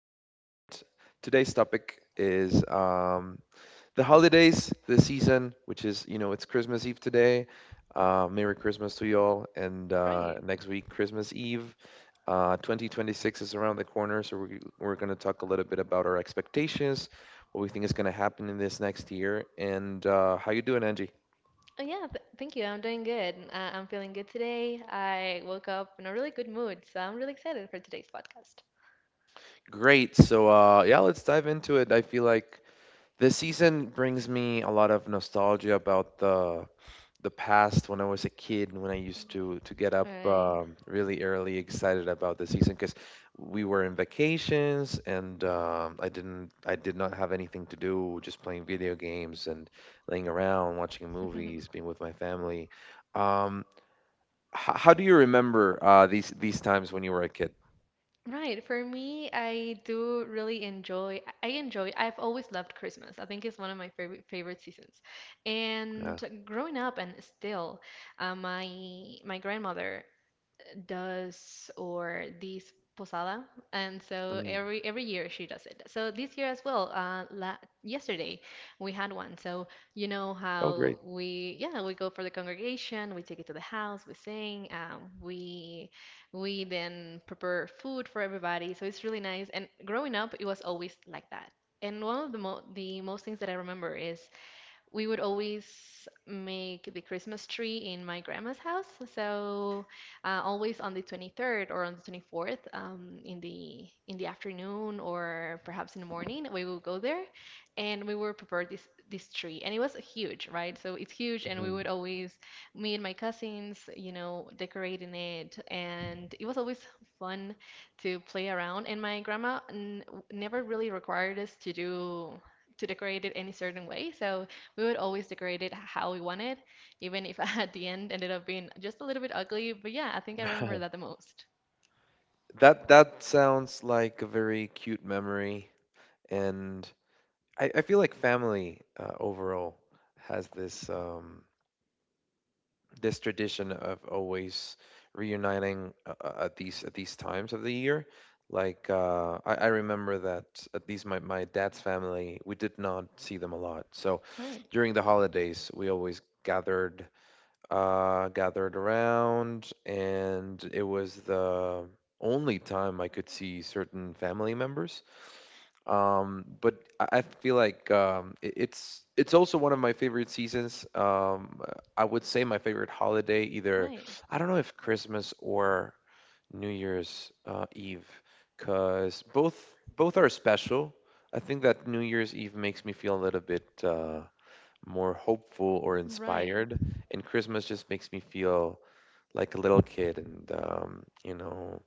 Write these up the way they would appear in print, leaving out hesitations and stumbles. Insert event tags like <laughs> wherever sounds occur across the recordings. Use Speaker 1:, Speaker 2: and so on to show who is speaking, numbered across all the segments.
Speaker 1: And today's topic is the holidays, the season, which is, it's Christmas Eve today. Merry Christmas to you all. And
Speaker 2: Right.
Speaker 1: next week, Christmas Eve. 2026 is around the corner, so we're going to talk a little bit about our expectations, what we think is going to happen in this next year, and how you doing, Angie?
Speaker 2: Oh, yeah, th thank you. I'm doing good. I'm feeling good today. I woke up in a really good mood, so I'm really excited for today's podcast.
Speaker 1: Great. So yeah, let's dive into it. I feel like this season brings me a lot of nostalgia about the past when I was a kid and when I used to get up
Speaker 2: Right.
Speaker 1: really early, excited about the season because we were in vacations and I did not have anything to do, just playing video games and laying around, watching
Speaker 2: <laughs>
Speaker 1: movies, being with my family. Um, how do you remember these times when you were a kid?
Speaker 2: Right. For me, I enjoy, I've always loved Christmas. I think it's one of my favorite seasons.
Speaker 1: Yeah.
Speaker 2: And growing up and still, uh, my my grandmother does or this posada, and so
Speaker 1: Mm.
Speaker 2: every year she does it. So this year as well, la yesterday we had one. So, you know
Speaker 1: Oh, great.
Speaker 2: how we, yeah, we go for the congregation, we take it to the house, we sing, we then prepare food for everybody. So it's really nice. And growing up, it was always like that. And one of the mo the most things that I remember is we would always make the Christmas tree in my grandma's house. So, always on the 23rd or on the 24th, in the afternoon or perhaps in the morning, we would go there and we would prepare this tree. And it was huge, right? So it's huge, and we
Speaker 1: Mhm.
Speaker 2: would always, me and my cousins, decorating it, and it was always fun to play around. And my grandma n never really required us to decorate it any certain way. So we would always decorate it how we wanted, even if <laughs> at the end ended up being just a little bit ugly. But yeah, I think I remember that the
Speaker 1: <laughs>
Speaker 2: most.
Speaker 1: That sounds like a very cute memory. And I feel like family overall has this tradition of always reuniting at these times of the year. Like I remember that at least my dad's family, we did not see them a lot. So
Speaker 2: Right,
Speaker 1: during the holidays, we always gathered around, and it was the only time I could see certain family members. But I feel like it's also one of my favorite seasons. I would say my favorite holiday, either
Speaker 2: right,
Speaker 1: I don't know if Christmas or New Year's Eve, because both are special. I think that New Year's Eve makes me feel a little bit more hopeful or
Speaker 2: right,
Speaker 1: inspired, and Christmas just makes me feel like a little kid and, you know,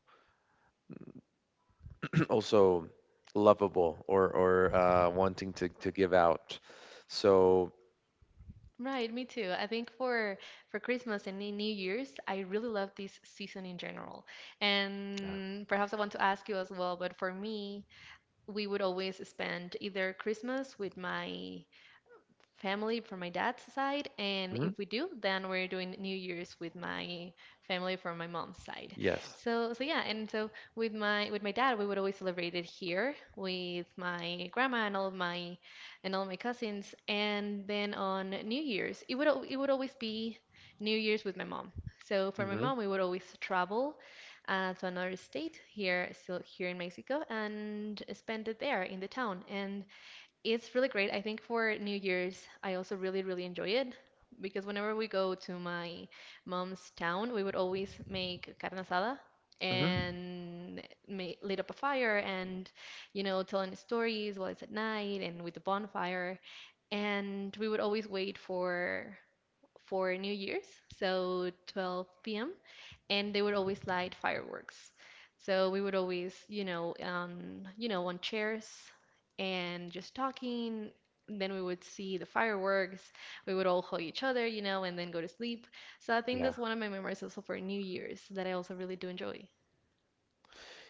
Speaker 1: also lovable or wanting to give out. So
Speaker 2: right. Me too. I think for Christmas and in New Year's, I really love this season in general.
Speaker 1: yeah.
Speaker 2: And perhaps I want to ask you as well, but for me, we would always spend either Christmas with my family from my dad's side, and
Speaker 1: Mhm.
Speaker 2: if we do, then we're doing New Year's with my family from my mom's side.
Speaker 1: Yes.
Speaker 2: So yeah, and so with my dad, we would always celebrate it here with my grandma and all of my and all of my cousins, and then on New Year's, it would always be New Year's with my mom. So for my
Speaker 1: Hmm,
Speaker 2: mom, we would always travel, to another state here, still here in Mexico, and spend it there in the town. And it's really great. I think for New Year's, I also really, really enjoy it because whenever we go to my mom's town, we would always make carne asada
Speaker 1: hmm.
Speaker 2: and light up a fire and, telling stories while it's at night and with the bonfire. And we would always wait for New Year's, so 12 p.m., and they would always light fireworks. So we would always on chairs and just talking. Then we would see the fireworks. We would all hug each other, and then go to sleep. So I think
Speaker 1: Yeah,
Speaker 2: that's one of my memories also for New Year's that I also really do enjoy.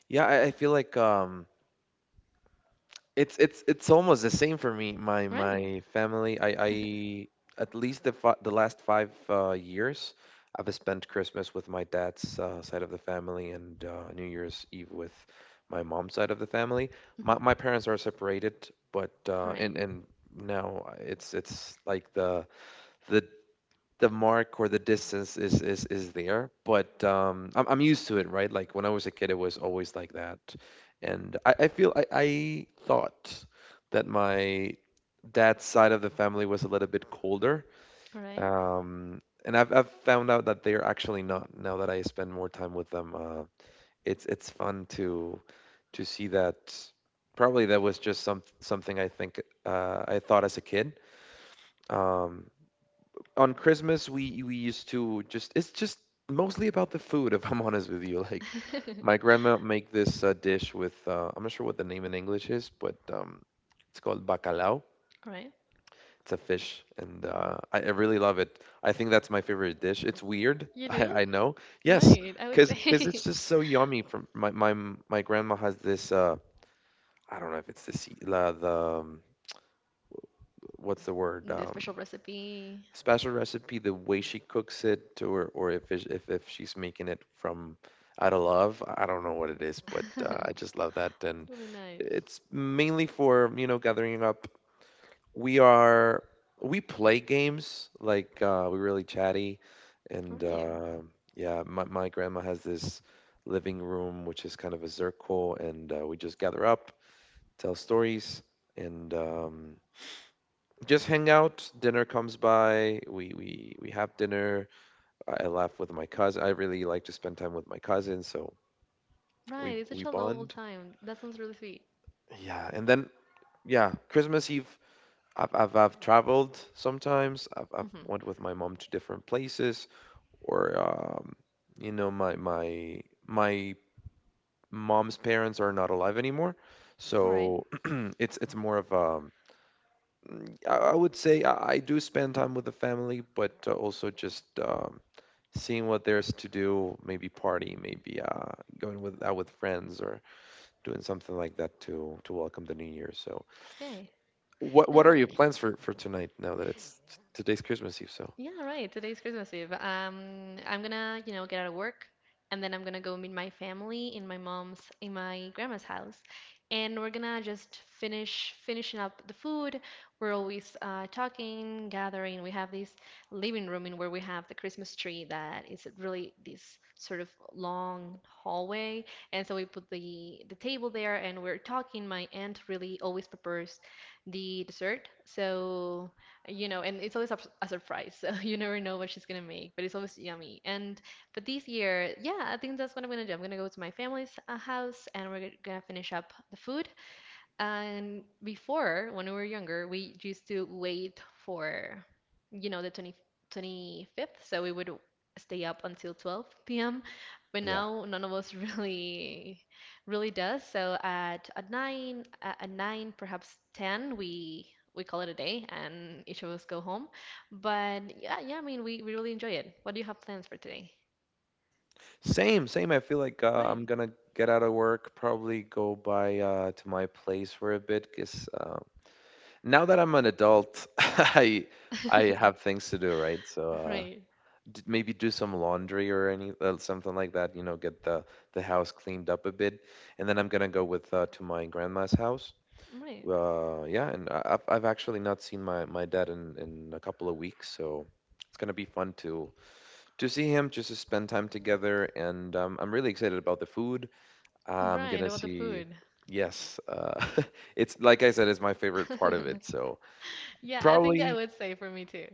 Speaker 1: yeah. I feel like it's almost the same for me. My
Speaker 2: Right.
Speaker 1: my family. I at least the last five years, I've spent Christmas with my dad's side of the family and New Year's Eve with my mom's side of the family. My,
Speaker 2: Mhm.
Speaker 1: my parents are separated, but
Speaker 2: All
Speaker 1: uh,
Speaker 2: right.
Speaker 1: and and now it's like the the mark or the distance is there, but I'm used to it, right? Like when I was a kid, it was always like that, and I thought that my dad's side of the family was a little bit colder,
Speaker 2: All right.
Speaker 1: and I've found out that they're actually not, now that I spend more time with them. Uh, it's fun to see that. Probably that was just something I think, I thought as a kid. um on Christmas, we used to just, it's just mostly about the food, if <laughs> I'm honest with you. Like my
Speaker 2: <laughs>
Speaker 1: grandma make this dish with, I'm not sure what the name in English is, but it's called bacalao.
Speaker 2: All right.
Speaker 1: It's a fish, and I really love it. I think that's my favorite dish. It's weird, <laughs>
Speaker 2: You
Speaker 1: I,
Speaker 2: do?
Speaker 1: I know. Yes,
Speaker 2: Right. I would
Speaker 1: because it's
Speaker 2: say
Speaker 1: just so yummy. From My grandma has this, I don't know if it's the sea- la the what's the
Speaker 2: <laughs>
Speaker 1: word?
Speaker 2: the special recipe.
Speaker 1: Special recipe, the way she cooks it, or if it, if she's making it from out of love. I don't know what it is, but I
Speaker 2: <laughs>
Speaker 1: just love that, and
Speaker 2: Really nice.
Speaker 1: it's mainly for, gathering up. We are we play games, like we're really chatty,
Speaker 2: All
Speaker 1: and
Speaker 2: right.
Speaker 1: yeah, my grandma has this living room which is kind of a circle, and we just gather up, tell stories, and just hang out. Dinner comes by. We have dinner. I laugh with my cousin. I really like to spend time with my cousin, so we
Speaker 2: Right, it's such
Speaker 1: we
Speaker 2: a lovable
Speaker 1: bond.
Speaker 2: time. That sounds really sweet.
Speaker 1: Yeah, and then, yeah, Christmas Eve. I've traveled sometimes. I've
Speaker 2: Mm-hmm.
Speaker 1: went with my mom to different places, or, my mom's parents are not alive anymore,
Speaker 2: All right.
Speaker 1: so <clears throat> it's more of a. I would say I do spend time with the family, but also just, seeing what there's to do, maybe party, maybe going with out with friends or doing something like that to welcome the new year. So,
Speaker 2: Okay.
Speaker 1: what are
Speaker 2: Now,
Speaker 1: your plans for tonight, now that today's Christmas Eve? So,
Speaker 2: yeah, right. Today's Christmas Eve. I'm gonna get out of work, and then I'm gonna go meet my family in my mom's, in my grandma's house, and we're gonna just finishing up the food. We're always, talking, gathering. We have this living room in where we have the Christmas tree that is really this sort of long hallway, and so we put the table there, and we're talking. My aunt really always prepares the dessert, so and it's always a surprise. So <laughs> you never know what she's gonna make, but it's always yummy. And but this year, yeah, I think that's what I'm gonna do. I'm gonna go to my family's, house, and we're gonna finish up the food, and before, when we were younger, we used to wait for the twenty twenty fifth. So we would stay up until 12 p.m. But
Speaker 1: yeah.
Speaker 2: now none of us <laughs> really, really does. So at 9, at 9, perhaps 10, we call it a day and each of us go home. But yeah, yeah, I mean, we really enjoy it. What do you have plans for today?
Speaker 1: Same, same. I feel like
Speaker 2: Right.
Speaker 1: I'm gonna get out of work, probably go by, to my place for a bit, because, now that I'm an adult, <laughs> I
Speaker 2: <laughs>
Speaker 1: have things to do, right? So
Speaker 2: Right.
Speaker 1: maybe do some laundry or any, something like that. You know, get the house cleaned up a bit, and then I'm gonna go with, to my grandma's house.
Speaker 2: Right.
Speaker 1: Yeah, and I've actually not seen my dad in a couple of weeks, so it's gonna be fun to see him, just to spend time together, and I'm really excited about the food. I'm
Speaker 2: Right.
Speaker 1: gonna
Speaker 2: About the
Speaker 1: see.
Speaker 2: food.
Speaker 1: Yes, <laughs> it's like I said, it's my favorite part of it.
Speaker 2: <laughs>
Speaker 1: So
Speaker 2: Yeah, I think I
Speaker 1: probably,
Speaker 2: would say for me too.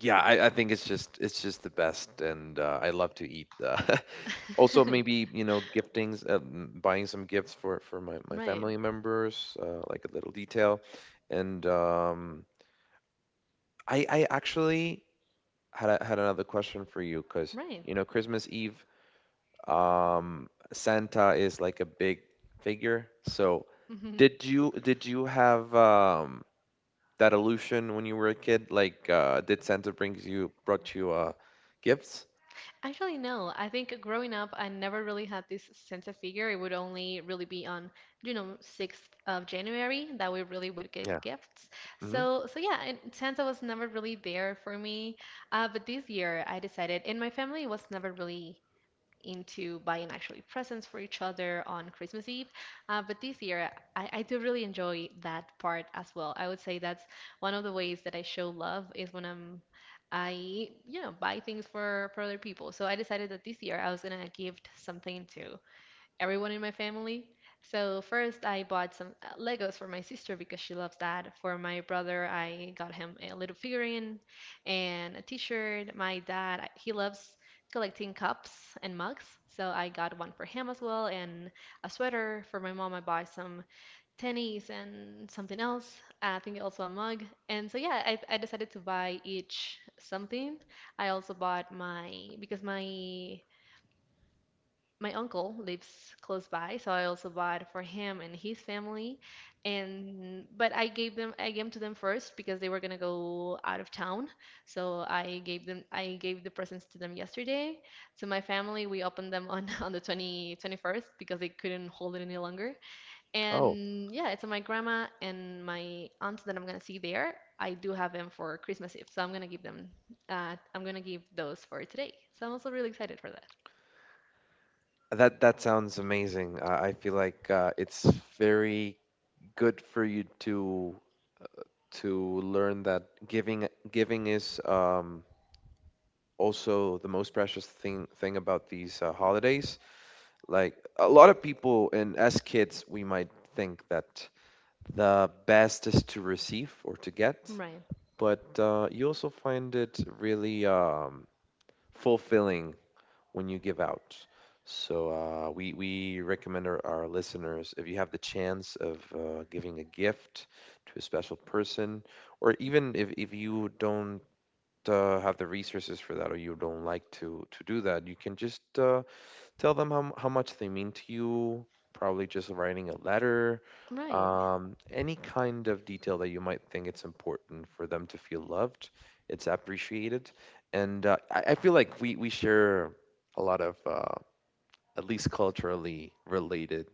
Speaker 1: yeah, I think it's just the best, and I love to eat. <laughs> Also,
Speaker 2: <laughs>
Speaker 1: maybe, giftings, buying some gifts for my
Speaker 2: Right,
Speaker 1: family members, like a little detail, and I actually had another question for you because,
Speaker 2: right.
Speaker 1: you know, Christmas Eve, Santa is like a big figure. So
Speaker 2: Mhm.
Speaker 1: did you have that illusion when you were a kid? Like, did Santa brings you brought you gifts?
Speaker 2: Actually, no. I think growing up, I never really had this sense of figure. It would only really be on 6th of January that we really would
Speaker 1: Yeah.
Speaker 2: get gifts.
Speaker 1: Hmm.
Speaker 2: So, yeah, and Santa was never really there for me. But this year, I decided, and my family was never really into buying actually presents for each other on Christmas Eve. But this year, I do really enjoy that part as well. I would say that's one of the ways that I show love is when I buy things for other people. So I decided that this year I was gonna gift something to everyone in my family. So first I bought some, Legos for my sister because she loves that. For my brother, I got him a little figurine and a t-shirt. My dad, he loves collecting cups and mugs, so I got one for him as well and a sweater. For my mom, I bought some tennies and something else. I think also a mug. And so yeah, I decided to buy each something. I also bought my because my uncle lives close by, so I also bought for him and his family. And but I gave them to them first because they were gonna go out of town. So I gave the presents to them yesterday. To my family, we opened them on <laughs> on the twenty twenty first because they couldn't hold it any longer.
Speaker 1: Oh,
Speaker 2: And yeah, it's my grandma and my aunt that I'm gonna see there. I do have them for Christmas Eve, so I'm gonna give them. I'm gonna give those for today. So I'm also really excited for that.
Speaker 1: that sounds amazing. I feel like, it's very good for you to learn that giving is, also the most precious thing about these, holidays. Like a lot of people, and as kids, we might think that the best is to receive or to get,
Speaker 2: Right.
Speaker 1: but you also find it really, fulfilling when you give out. So we recommend our listeners, if you have the chance of, giving a gift to a special person, or even if you don't have the resources for that, or you don't like to do that, you can just, tell them how much they mean to you, probably just writing a letter,
Speaker 2: Right.
Speaker 1: any kind of detail that you might think it's important for them to feel loved, it's appreciated, and, I feel like we share a lot of, at least culturally related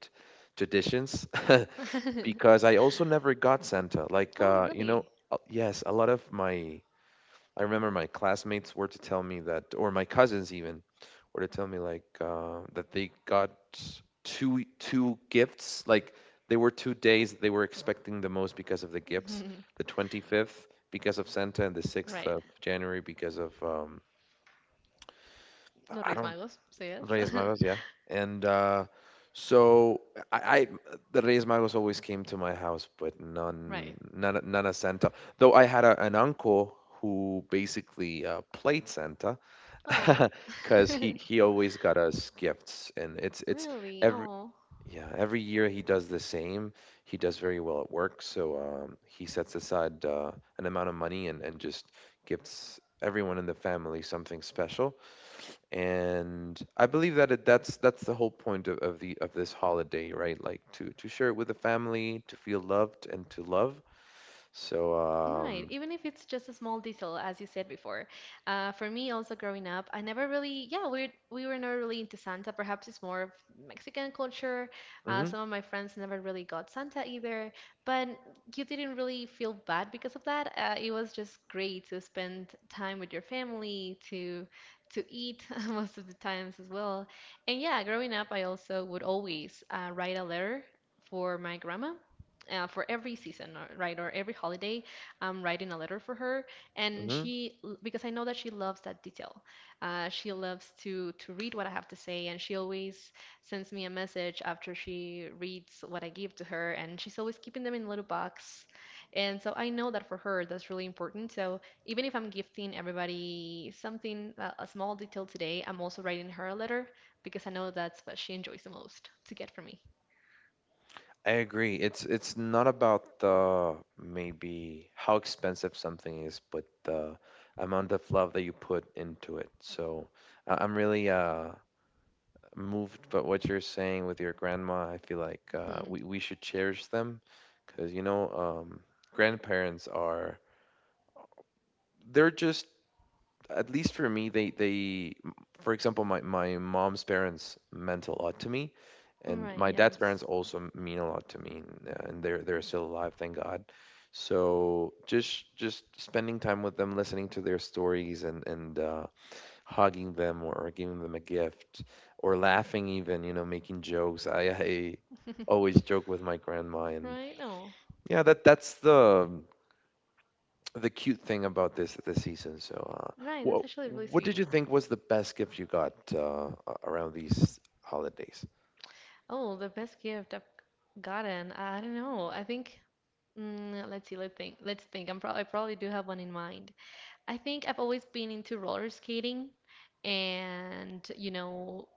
Speaker 1: traditions. <laughs>
Speaker 2: <laughs>
Speaker 1: Because I also never got Santa, like,
Speaker 2: Oh,
Speaker 1: you know,
Speaker 2: really?
Speaker 1: yes, a lot of my I remember my classmates were to tell me that, or my cousins even were to tell me like, that they got two gifts. Like they were 2 days that they were expecting the most because of the gifts.
Speaker 2: <laughs>
Speaker 1: The 25th because of Santa, and the 6th
Speaker 2: Right.
Speaker 1: of January because of,
Speaker 2: No
Speaker 1: I
Speaker 2: Reyes
Speaker 1: don't
Speaker 2: Magos, so yes.
Speaker 1: Reyes Magos, yeah. And so, I the Reyes Magos always came to my house, but
Speaker 2: <laughs>
Speaker 1: none
Speaker 2: Right.
Speaker 1: none none of Santa. Though I had an uncle who basically, played Santa.
Speaker 2: Oh.
Speaker 1: <laughs>
Speaker 2: <laughs>
Speaker 1: Because he always got us gifts, and it's
Speaker 2: Really?
Speaker 1: every
Speaker 2: Oh.
Speaker 1: yeah every year he does the same. He does very well at work, so, he sets aside, an amount of money, and just gifts everyone in the family something special. And I believe that, that's the whole point of this holiday, right? Like, to share it with the family, to feel loved and to love. So,
Speaker 2: Right, even if it's just a small detail, as you said before. For me, also growing up, I never really, yeah, we were never really into Santa. Perhaps it's more of Mexican culture. Uh,
Speaker 1: mhm,
Speaker 2: some of my friends never really got Santa either, but you didn't really feel bad because of that. It was just great to spend time with your family, to eat <laughs> most of the times as well. And yeah, growing up, I also would always, write a letter for my grandma, for every season, or, right, or every holiday. I'm writing a letter for her, and
Speaker 1: mhm.
Speaker 2: she because I know that she loves that detail. She loves to read what I have to say, and she always sends me a message after she reads what I give to her, and she's always keeping them in a little box. And so I know that for her that's really important. So even if I'm gifting everybody something, a small detail today, I'm also writing her a letter because I know that's what she enjoys the most to get from me.
Speaker 1: I agree. It's not about the maybe how expensive something is, but the amount of love that you put into it. So I'm really, moved by what you're saying with your grandma. I feel like, we
Speaker 2: <laughs>
Speaker 1: we should cherish them because, grandparents are, they're just at least for me, for example, my mom's parents meant a lot to me, and
Speaker 2: Right,
Speaker 1: my dad's parents
Speaker 2: yes.
Speaker 1: also mean a lot to me, and they're still alive, thank God. So just spending time with them, listening to their stories, and hugging them or giving them a gift or laughing, even, you know, making jokes. I
Speaker 2: <laughs>
Speaker 1: always joke with my grandma, and
Speaker 2: Right, no.
Speaker 1: yeah, that's the cute thing about this season. So,
Speaker 2: Right, that's
Speaker 1: what
Speaker 2: actually really
Speaker 1: what did
Speaker 2: sweet.
Speaker 1: you think was the best gift you got around these holidays?
Speaker 2: Oh, the best gift I've gotten. I don't know. I think, let's see. Let's think. Let's think. I probably do have one in mind. I think I've always been into roller skating, and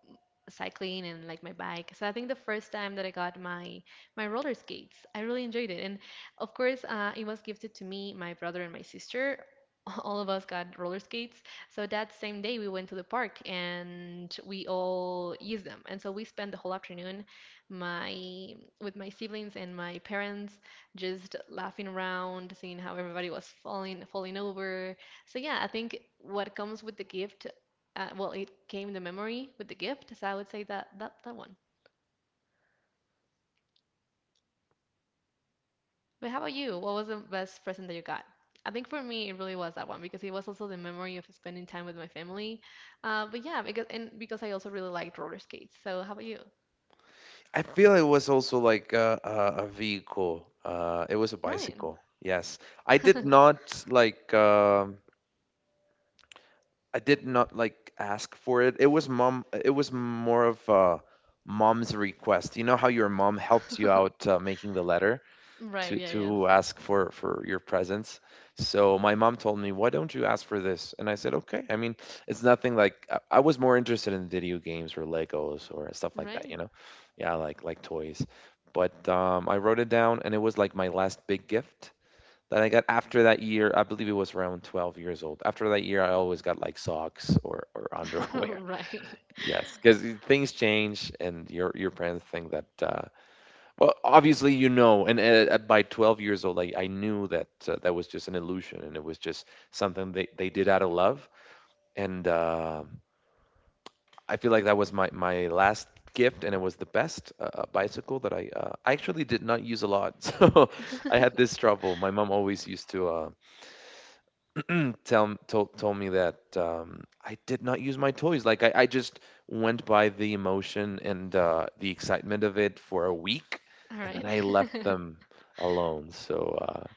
Speaker 2: cycling and like my bike. So I think the first time that I got my roller skates, I really enjoyed it. And of course, it was gifted to me, my brother and my sister. <laughs> All of us got roller skates. So that same day we went to the park and we all used them. And so we spent the whole afternoon, my with my siblings and my parents just laughing around, seeing how everybody was falling over. So yeah, I think what comes with the gift, well, it came to memory with the gift, so I would say that one. But how about you? What was the best present that you got? I think for me, it really was that one because it was also the memory of spending time with my family. But yeah, because I also really liked roller skates. So how about you,
Speaker 1: I feel it was also like a vehicle. It was a
Speaker 2: Ryan?
Speaker 1: bicycle. Yes, I did
Speaker 2: <laughs>
Speaker 1: not like. I did not like ask for it. It was mom. It was more of mom's request. You know how your mom helps you out making the letter to
Speaker 2: Right? Yeah.
Speaker 1: to
Speaker 2: Yes.
Speaker 1: ask for your presence. So my mom told me, why don't you ask for this? And I said, okay, I mean, it's nothing. Like I was more interested in video games or legos or stuff like that
Speaker 2: Right.
Speaker 1: you know Yeah, like toys. But I wrote it down and it was like my last big gift that I got. After that year, I believe it was around 12 years old, after that year I always got like socks or <laughs>
Speaker 2: <laughs>
Speaker 1: underwear.
Speaker 2: Right.
Speaker 1: Yes, because things change and your parents think that well, obviously, you know, and by 12 years old, I knew that that was just an illusion and it was just something they did out of love. And I feel like that was my last gift, and it was the best bicycle that I actually did not use a lot. <laughs> So I had
Speaker 2: <laughs>
Speaker 1: this trouble. My mom always used to tell told told me that I did not use my toys. Like I just went by the emotion and the excitement of it for a week,
Speaker 2: All
Speaker 1: and
Speaker 2: right.
Speaker 1: then I left
Speaker 2: <laughs>
Speaker 1: them alone. So uh,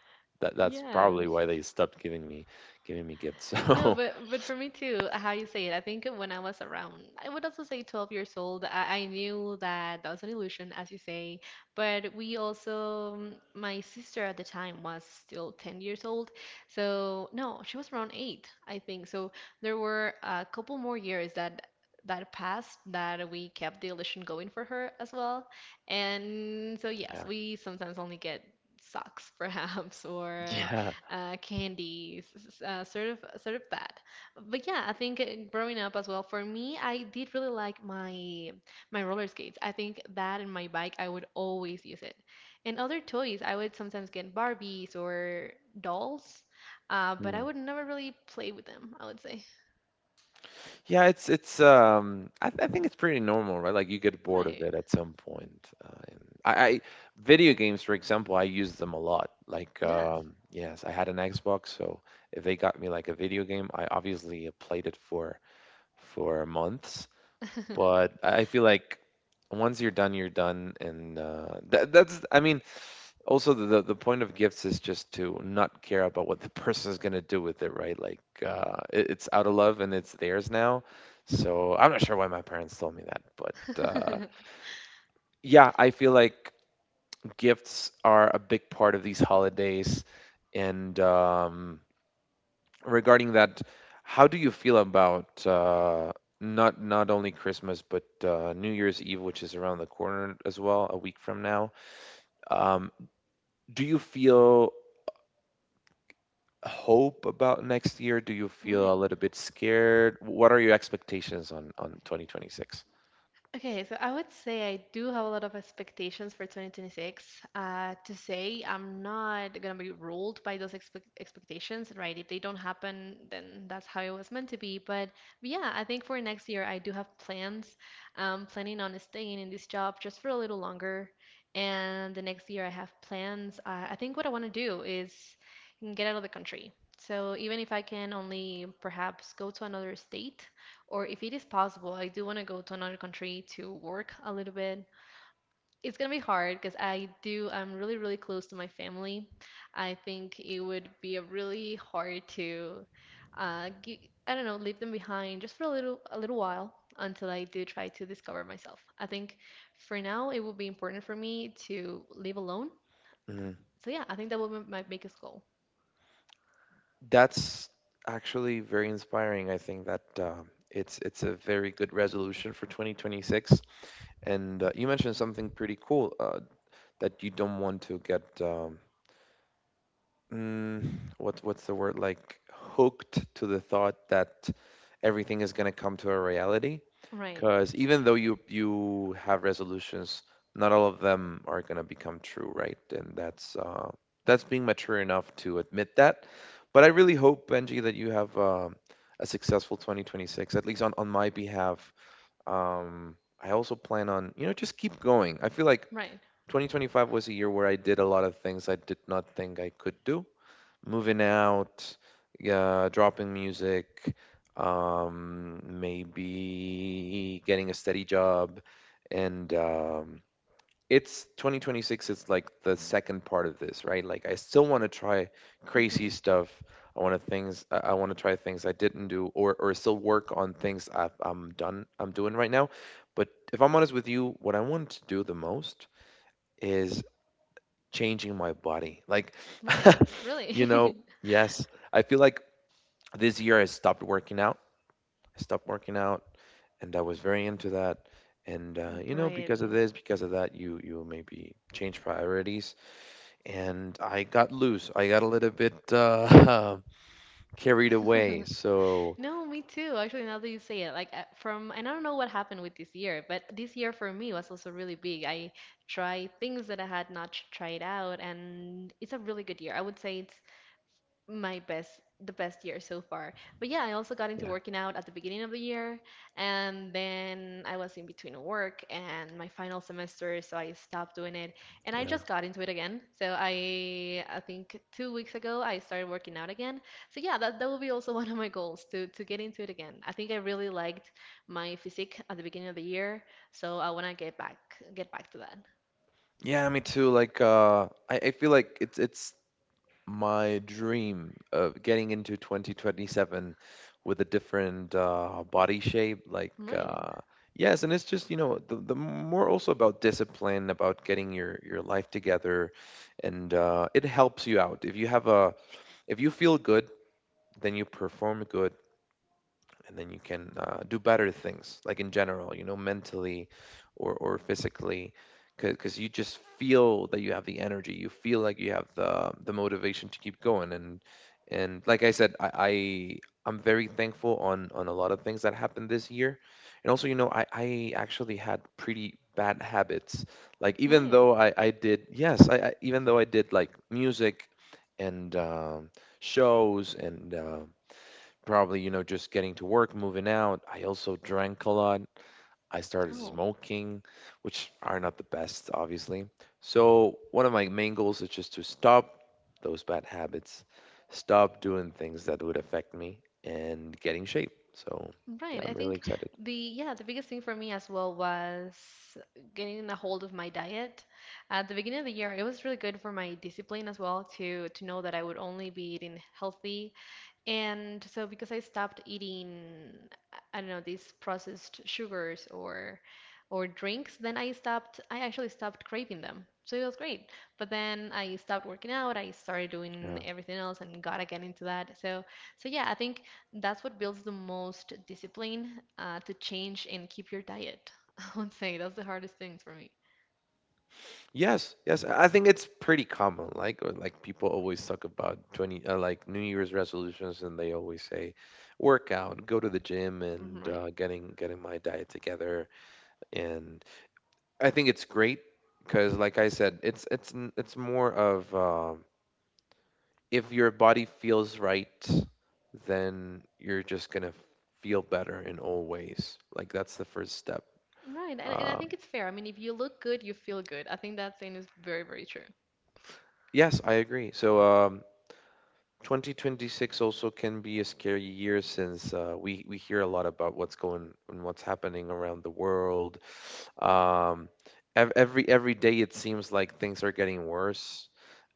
Speaker 1: that's probably
Speaker 2: Yes.
Speaker 1: why they stopped giving me gifts. <laughs>
Speaker 2: No,
Speaker 1: So
Speaker 2: but for me too, how you say it, I think when I was around, I would also say 12 years old, I knew that that was an illusion, as you say. But we also, my sister at the time was still 10 years old. So, no, she was around eight, I think. So there were a couple more years that passed that we kept the illusion going for her as well. And so, yes, we sometimes only get socks, <laughs> perhaps, or
Speaker 1: yeah,
Speaker 2: candies, sort of that. But yeah, I think growing up as well for me, I did really like my roller skates. I think that and my bike, I would always use it. And other toys, I would sometimes get Barbies or dolls, but I
Speaker 1: yeah.
Speaker 2: would never really play with them, I would say.
Speaker 1: Yeah, it's I think it's pretty normal, right? Like you get bored of
Speaker 2: Right.
Speaker 1: it at some point. And I Video games, for example, I use them a lot. Like
Speaker 2: Yes.
Speaker 1: yes, I had an Xbox, so if they got me like a video game, I obviously played it for months. But I feel like once you're done, and that's I mean also the point of gifts is just to not care about what the <laughs> person is going to do with it, right? Like it's out of love and it's theirs now. So I'm not sure why my parents told me that, but
Speaker 2: <laughs>
Speaker 1: yeah, I feel like gifts are a big part of these holidays. And regarding that, how do you feel about not only Christmas but New Year's Eve, which is around the corner as well, a week from now? um do you feel hope about next year? Do you feel a
Speaker 2: Right.
Speaker 1: little bit scared? What are your expectations on 2026?
Speaker 2: Okay, so I would say I do have a lot of expectations for 2026. To say I'm not gonna be ruled by those expectations, right? If they don't happen, then that's how it was meant to be. But yeah, I think for next year I do have plans. I'm planning on staying in this job just for a little longer. And the next year I have plans. I think what I want to do is get out of the country. So even if I can only perhaps go to another state or if it is possible, I do want to go to another country to work a little bit. It's gonna be hard because I do, I'm really, really close to my family. I think it would be a really hard to, I don't know, leave them behind just for a little while until I do try to discover myself. I think for now it would be important for me to live alone.
Speaker 1: Mhm.
Speaker 2: So yeah, I think that would be my biggest goal.
Speaker 1: That's actually very inspiring. I think that it's a very good resolution for 2026. And you mentioned something pretty cool that you don't want to get mm, what's the word, like hooked to the thought that everything is going to come to a reality.
Speaker 2: Right,
Speaker 1: Because even though you have resolutions, not all of them are gonna become true, right? And that's being mature enough to admit that. But I really hope, Benji, that you have a successful 2026. At least on my behalf, I also plan on, you know, just keep going. I feel like
Speaker 2: right,
Speaker 1: 2025 was a year where I did a lot of things I did not think I could do: moving out, dropping music, maybe getting a steady job. And it's 2026, it's like the second part of this, right? Like, I still want to try crazy
Speaker 2: hmm
Speaker 1: stuff. I want to things I want to try things I didn't do or still work on things I'm done I'm doing right now. But if I'm honest with you, what I want to do the most is changing my body. Like,
Speaker 2: right.
Speaker 1: <laughs> you know,
Speaker 2: Really,
Speaker 1: yes, I feel like this year I stopped working out. I stopped working out, and I was very into that. And
Speaker 2: <laughs>
Speaker 1: you know,
Speaker 2: right.
Speaker 1: because of this, because of that, you maybe change priorities. And I got loose. I got a little bit <laughs> carried away. So
Speaker 2: No, me too. Actually, now that you say it, like from, and I don't know what happened with this year, but this year for me was also really big. I tried things that I had not tried out, and it's a really good year. I would say it's my best the best year so far. But yeah, I also got into
Speaker 1: yeah,
Speaker 2: working out at the beginning of the year and then I was in between work and my final semester, so I stopped doing it and I
Speaker 1: yeah,
Speaker 2: just got into it again. So I think 2 weeks ago I started working out again. So yeah, that that will be also <laughs> one of my goals to get into it again. I think I really liked my physique at the beginning of the year, so I want to get back to that.
Speaker 1: yeah. Me too. Like, I feel like it's my dream of getting into 2027 with a different body shape, like
Speaker 2: Right.
Speaker 1: yes. And it's just, you know, the more also about discipline, about getting your life together. And it helps you out if you have a if you feel good, then you perform good, and then you can do better things, like in general, you know, mentally or physically, because you just feel that you have the energy, you feel like you have the motivation to keep going. And like I said, I, I'm very thankful on a lot of things that happened this year. And also, you know, I actually had pretty bad habits, like even
Speaker 2: Right.
Speaker 1: though I did, yes, I, even though I did like music and shows and probably, you know, just getting to work, moving out. I also drank a lot. I started
Speaker 2: Oh.
Speaker 1: smoking, which are not the best, obviously. So one of my main goals is just to stop those bad habits, stop doing things that would affect me, and get in shape. So yeah,
Speaker 2: Right. I
Speaker 1: I'm really
Speaker 2: think
Speaker 1: excited.
Speaker 2: the yeah, the biggest thing for me as well was getting a hold of my diet. At the beginning of the year, it was really good for my discipline as well to know that I would only be eating healthy and so because I stopped eating, I don't know, these processed sugars or drinks, then I stopped, I actually stopped craving them. So it was great. But then I stopped working out, I started doing
Speaker 1: Yeah.
Speaker 2: everything else and got again into that. So yeah, I think that's what builds the most discipline to change and keep your diet. <laughs> I would say that's the hardest thing for me.
Speaker 1: Yes, yes. I think it's pretty common. Like, or like people always talk about like New Year's resolutions, and they always say, work out, go to the gym, and
Speaker 2: Right.
Speaker 1: getting my diet together. And I think it's great because, like I said, it's it's more of if your body feels right, then you're just gonna feel better in all ways. Like that's the first step.
Speaker 2: Right. And I think
Speaker 1: Um,
Speaker 2: it's fair. I mean, if you look good, you feel good. I think that saying is very, very true.
Speaker 1: yes, I agree. So 2026 also can be a scary year, since we hear a lot about what's going and what's happening around the world. Um, every day it seems like things are getting worse.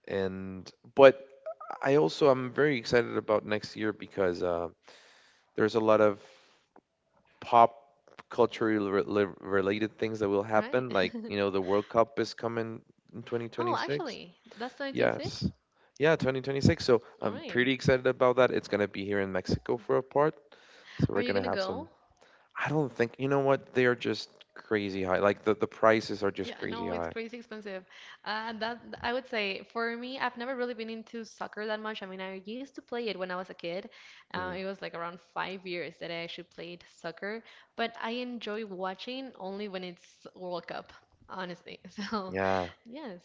Speaker 1: And but I also am very excited about next year because there's a lot of pop culturally related things that will
Speaker 2: Right.
Speaker 1: happen. Like, you
Speaker 2: <laughs>
Speaker 1: know, the World Cup is coming in
Speaker 2: Oh,
Speaker 1: 2026.
Speaker 2: actually, that's
Speaker 1: Yes,
Speaker 2: 2026?
Speaker 1: yeah, 2026. So
Speaker 2: All
Speaker 1: I'm
Speaker 2: right.
Speaker 1: pretty excited about that. It's gonna be here in Mexico for a part. So
Speaker 2: Are
Speaker 1: we're
Speaker 2: you
Speaker 1: gonna
Speaker 2: gonna
Speaker 1: have
Speaker 2: go?
Speaker 1: some. I don't think you know what they are, just crazy high. Like the prices are
Speaker 2: Yeah,
Speaker 1: just
Speaker 2: I
Speaker 1: crazy
Speaker 2: know it's
Speaker 1: high.
Speaker 2: crazy expensive. That I would say for me, I've never really been into soccer that much. I mean, I used to play it when I was a kid.
Speaker 1: Mm,
Speaker 2: It was like around 5 years that I actually played soccer, but I enjoy watching only when it's World Cup, honestly. <laughs> So,
Speaker 1: yeah,
Speaker 2: yes,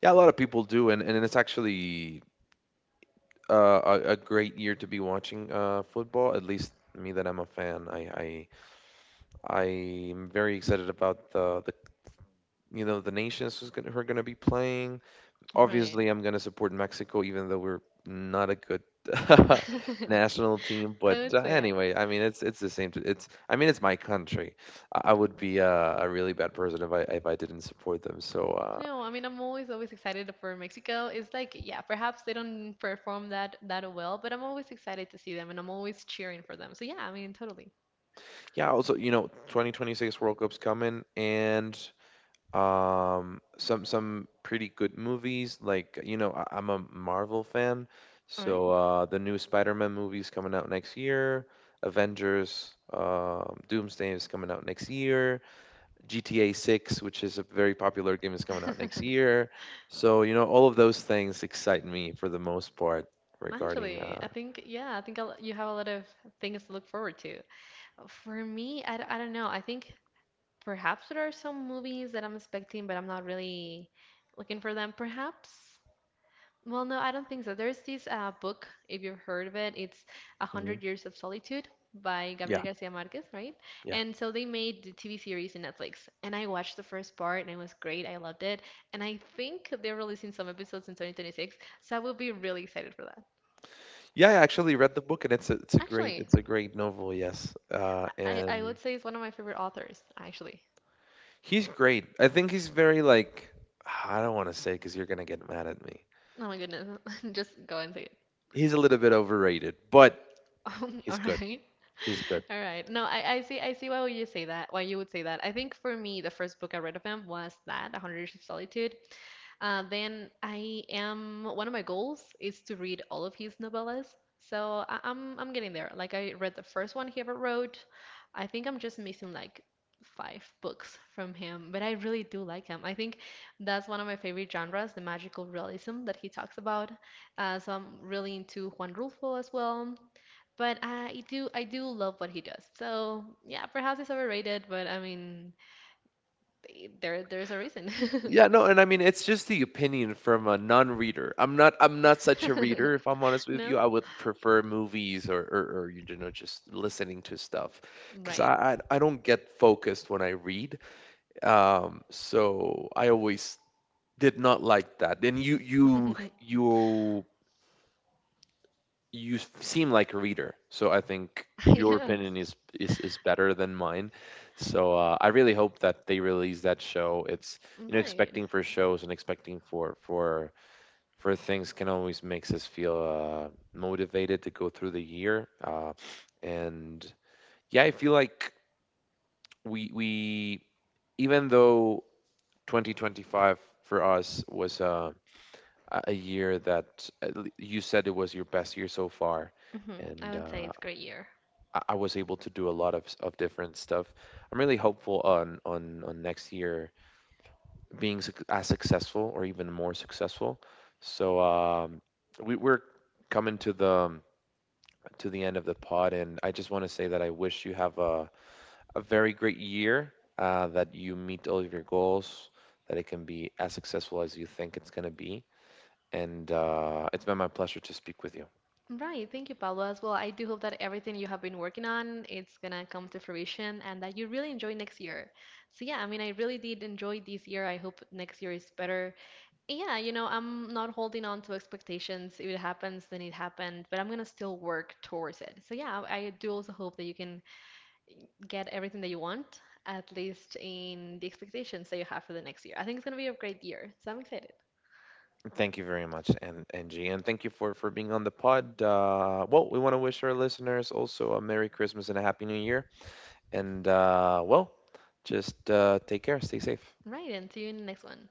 Speaker 1: yeah, a lot of people do, and it's actually a great year to be watching football. At least me that I'm a fan. I I'm very excited about the you know the nations who are going to be playing.
Speaker 2: right.
Speaker 1: Obviously, I'm going to support Mexico, even though we're not a good <laughs>
Speaker 2: <laughs>
Speaker 1: national team.
Speaker 2: I
Speaker 1: But
Speaker 2: would say yeah.
Speaker 1: anyway, I mean it's the same. It's I mean it's my country. I would be a really bad person if I didn't support them. So
Speaker 2: No, I mean I'm always excited for Mexico. It's like yeah, perhaps they don't perform that well, but I'm always excited to see them and I'm always cheering for them. So yeah, I mean totally.
Speaker 1: yeah. Also, you know, 2026 World Cup's coming. And some pretty good movies, like, you know, I'm a Marvel fan,
Speaker 2: All
Speaker 1: so
Speaker 2: right.
Speaker 1: the new Spider-Man movies coming out next year, Avengers Doomsday is coming out next year, GTA 6, which is a very popular game, is coming out next year. So, you know, all of those things excite me for the most part.
Speaker 2: <laughs>
Speaker 1: Regarding
Speaker 2: Actually, I think yeah, I think I'll, you have a lot of things to look forward to. For me, I don't know. I think perhaps there are some movies that I'm expecting, but I'm not really looking for them. Perhaps well, no, I don't think so. There's this book, if you've heard of it, it's A
Speaker 1: mhm.
Speaker 2: Hundred Years of Solitude by
Speaker 1: Yeah,
Speaker 2: Gabriel Garcia Marquez, right?
Speaker 1: yeah,
Speaker 2: And so they made the TV series in Netflix, and I watched the first part, and it was great. I loved it, and I think they're releasing some episodes in 2026, so I will be really excited for that.
Speaker 1: yeah, I actually read the book, and it's it's a great
Speaker 2: Actually,
Speaker 1: novel. Yes.
Speaker 2: I
Speaker 1: And
Speaker 2: would say it's one of my favorite authors, actually.
Speaker 1: He's great. I think he's very, like, <sighs> I don't want to say because you're gonna get mad at me.
Speaker 2: Oh my goodness, <laughs> just go and say it.
Speaker 1: He's a little bit overrated, but
Speaker 2: <laughs>
Speaker 1: he's
Speaker 2: All
Speaker 1: good.
Speaker 2: right.
Speaker 1: He's good.
Speaker 2: All right. No, I see why would you say that. Why you would say that. I think for me the first book I read of him was that, A Hundred Years of Solitude. Then I am one of my goals is to read all of his novellas. So I'm getting there. Like I read the first one he ever wrote. I think I'm just missing like five books from him, but I really do like him. I think that's one of my favorite genres, the magical realism that he talks about. So I'm really into Juan Rulfo as well. But I do love what he does. So yeah, perhaps it's overrated, but I mean, there's a reason.
Speaker 1: Yeah, no, and I mean it's just the opinion from a non-reader. I'm not such a
Speaker 2: <laughs>
Speaker 1: reader, if I'm honest with
Speaker 2: No?
Speaker 1: you. I would prefer movies or, you know, just listening to stuff because
Speaker 2: Right.
Speaker 1: I don't get focused when I read. So I always did not like that. And
Speaker 2: <laughs>
Speaker 1: you seem like a reader, so I think your opinion
Speaker 2: Yes,
Speaker 1: is is better than mine. So I really hope that they release that show. It's, you know,
Speaker 2: right.
Speaker 1: expecting for shows and expecting for for things can always makes us feel motivated to go through the year. And yeah, I feel like we even though 2025 for us was a year that you said it was your best year so far.
Speaker 2: Mhm. I
Speaker 1: And
Speaker 2: would say it's a great year.
Speaker 1: I was able to do a lot of, different stuff. I'm really hopeful on next year being successful or even more successful. So we're coming to the end of the pod, and I just want to say that I wish you have a very great year, that you meet all of your goals, that it can be as successful as you think it's going to be. And it's been my pleasure to speak with you.
Speaker 2: Right. Thank you, Pablo, as well. I do hope that everything you have been working on, it's gonna come to fruition and that you really enjoy next year. So yeah, I mean, I really did enjoy this year. I hope next year is better. And yeah, you know, I'm not holding on to expectations. If it happens, then it happened, but I'm gonna still work towards it. So yeah, I do also hope that you can get everything that you want, at least in the expectations that you have for the next year. I think it's gonna be a great year, so I'm excited.
Speaker 1: Thank you very much, and Angie, and thank you for being on the pod. Well, we want to wish our listeners also a Merry Christmas and a Happy New Year. And well, just take care, stay safe.
Speaker 2: Right, and see you in the next one.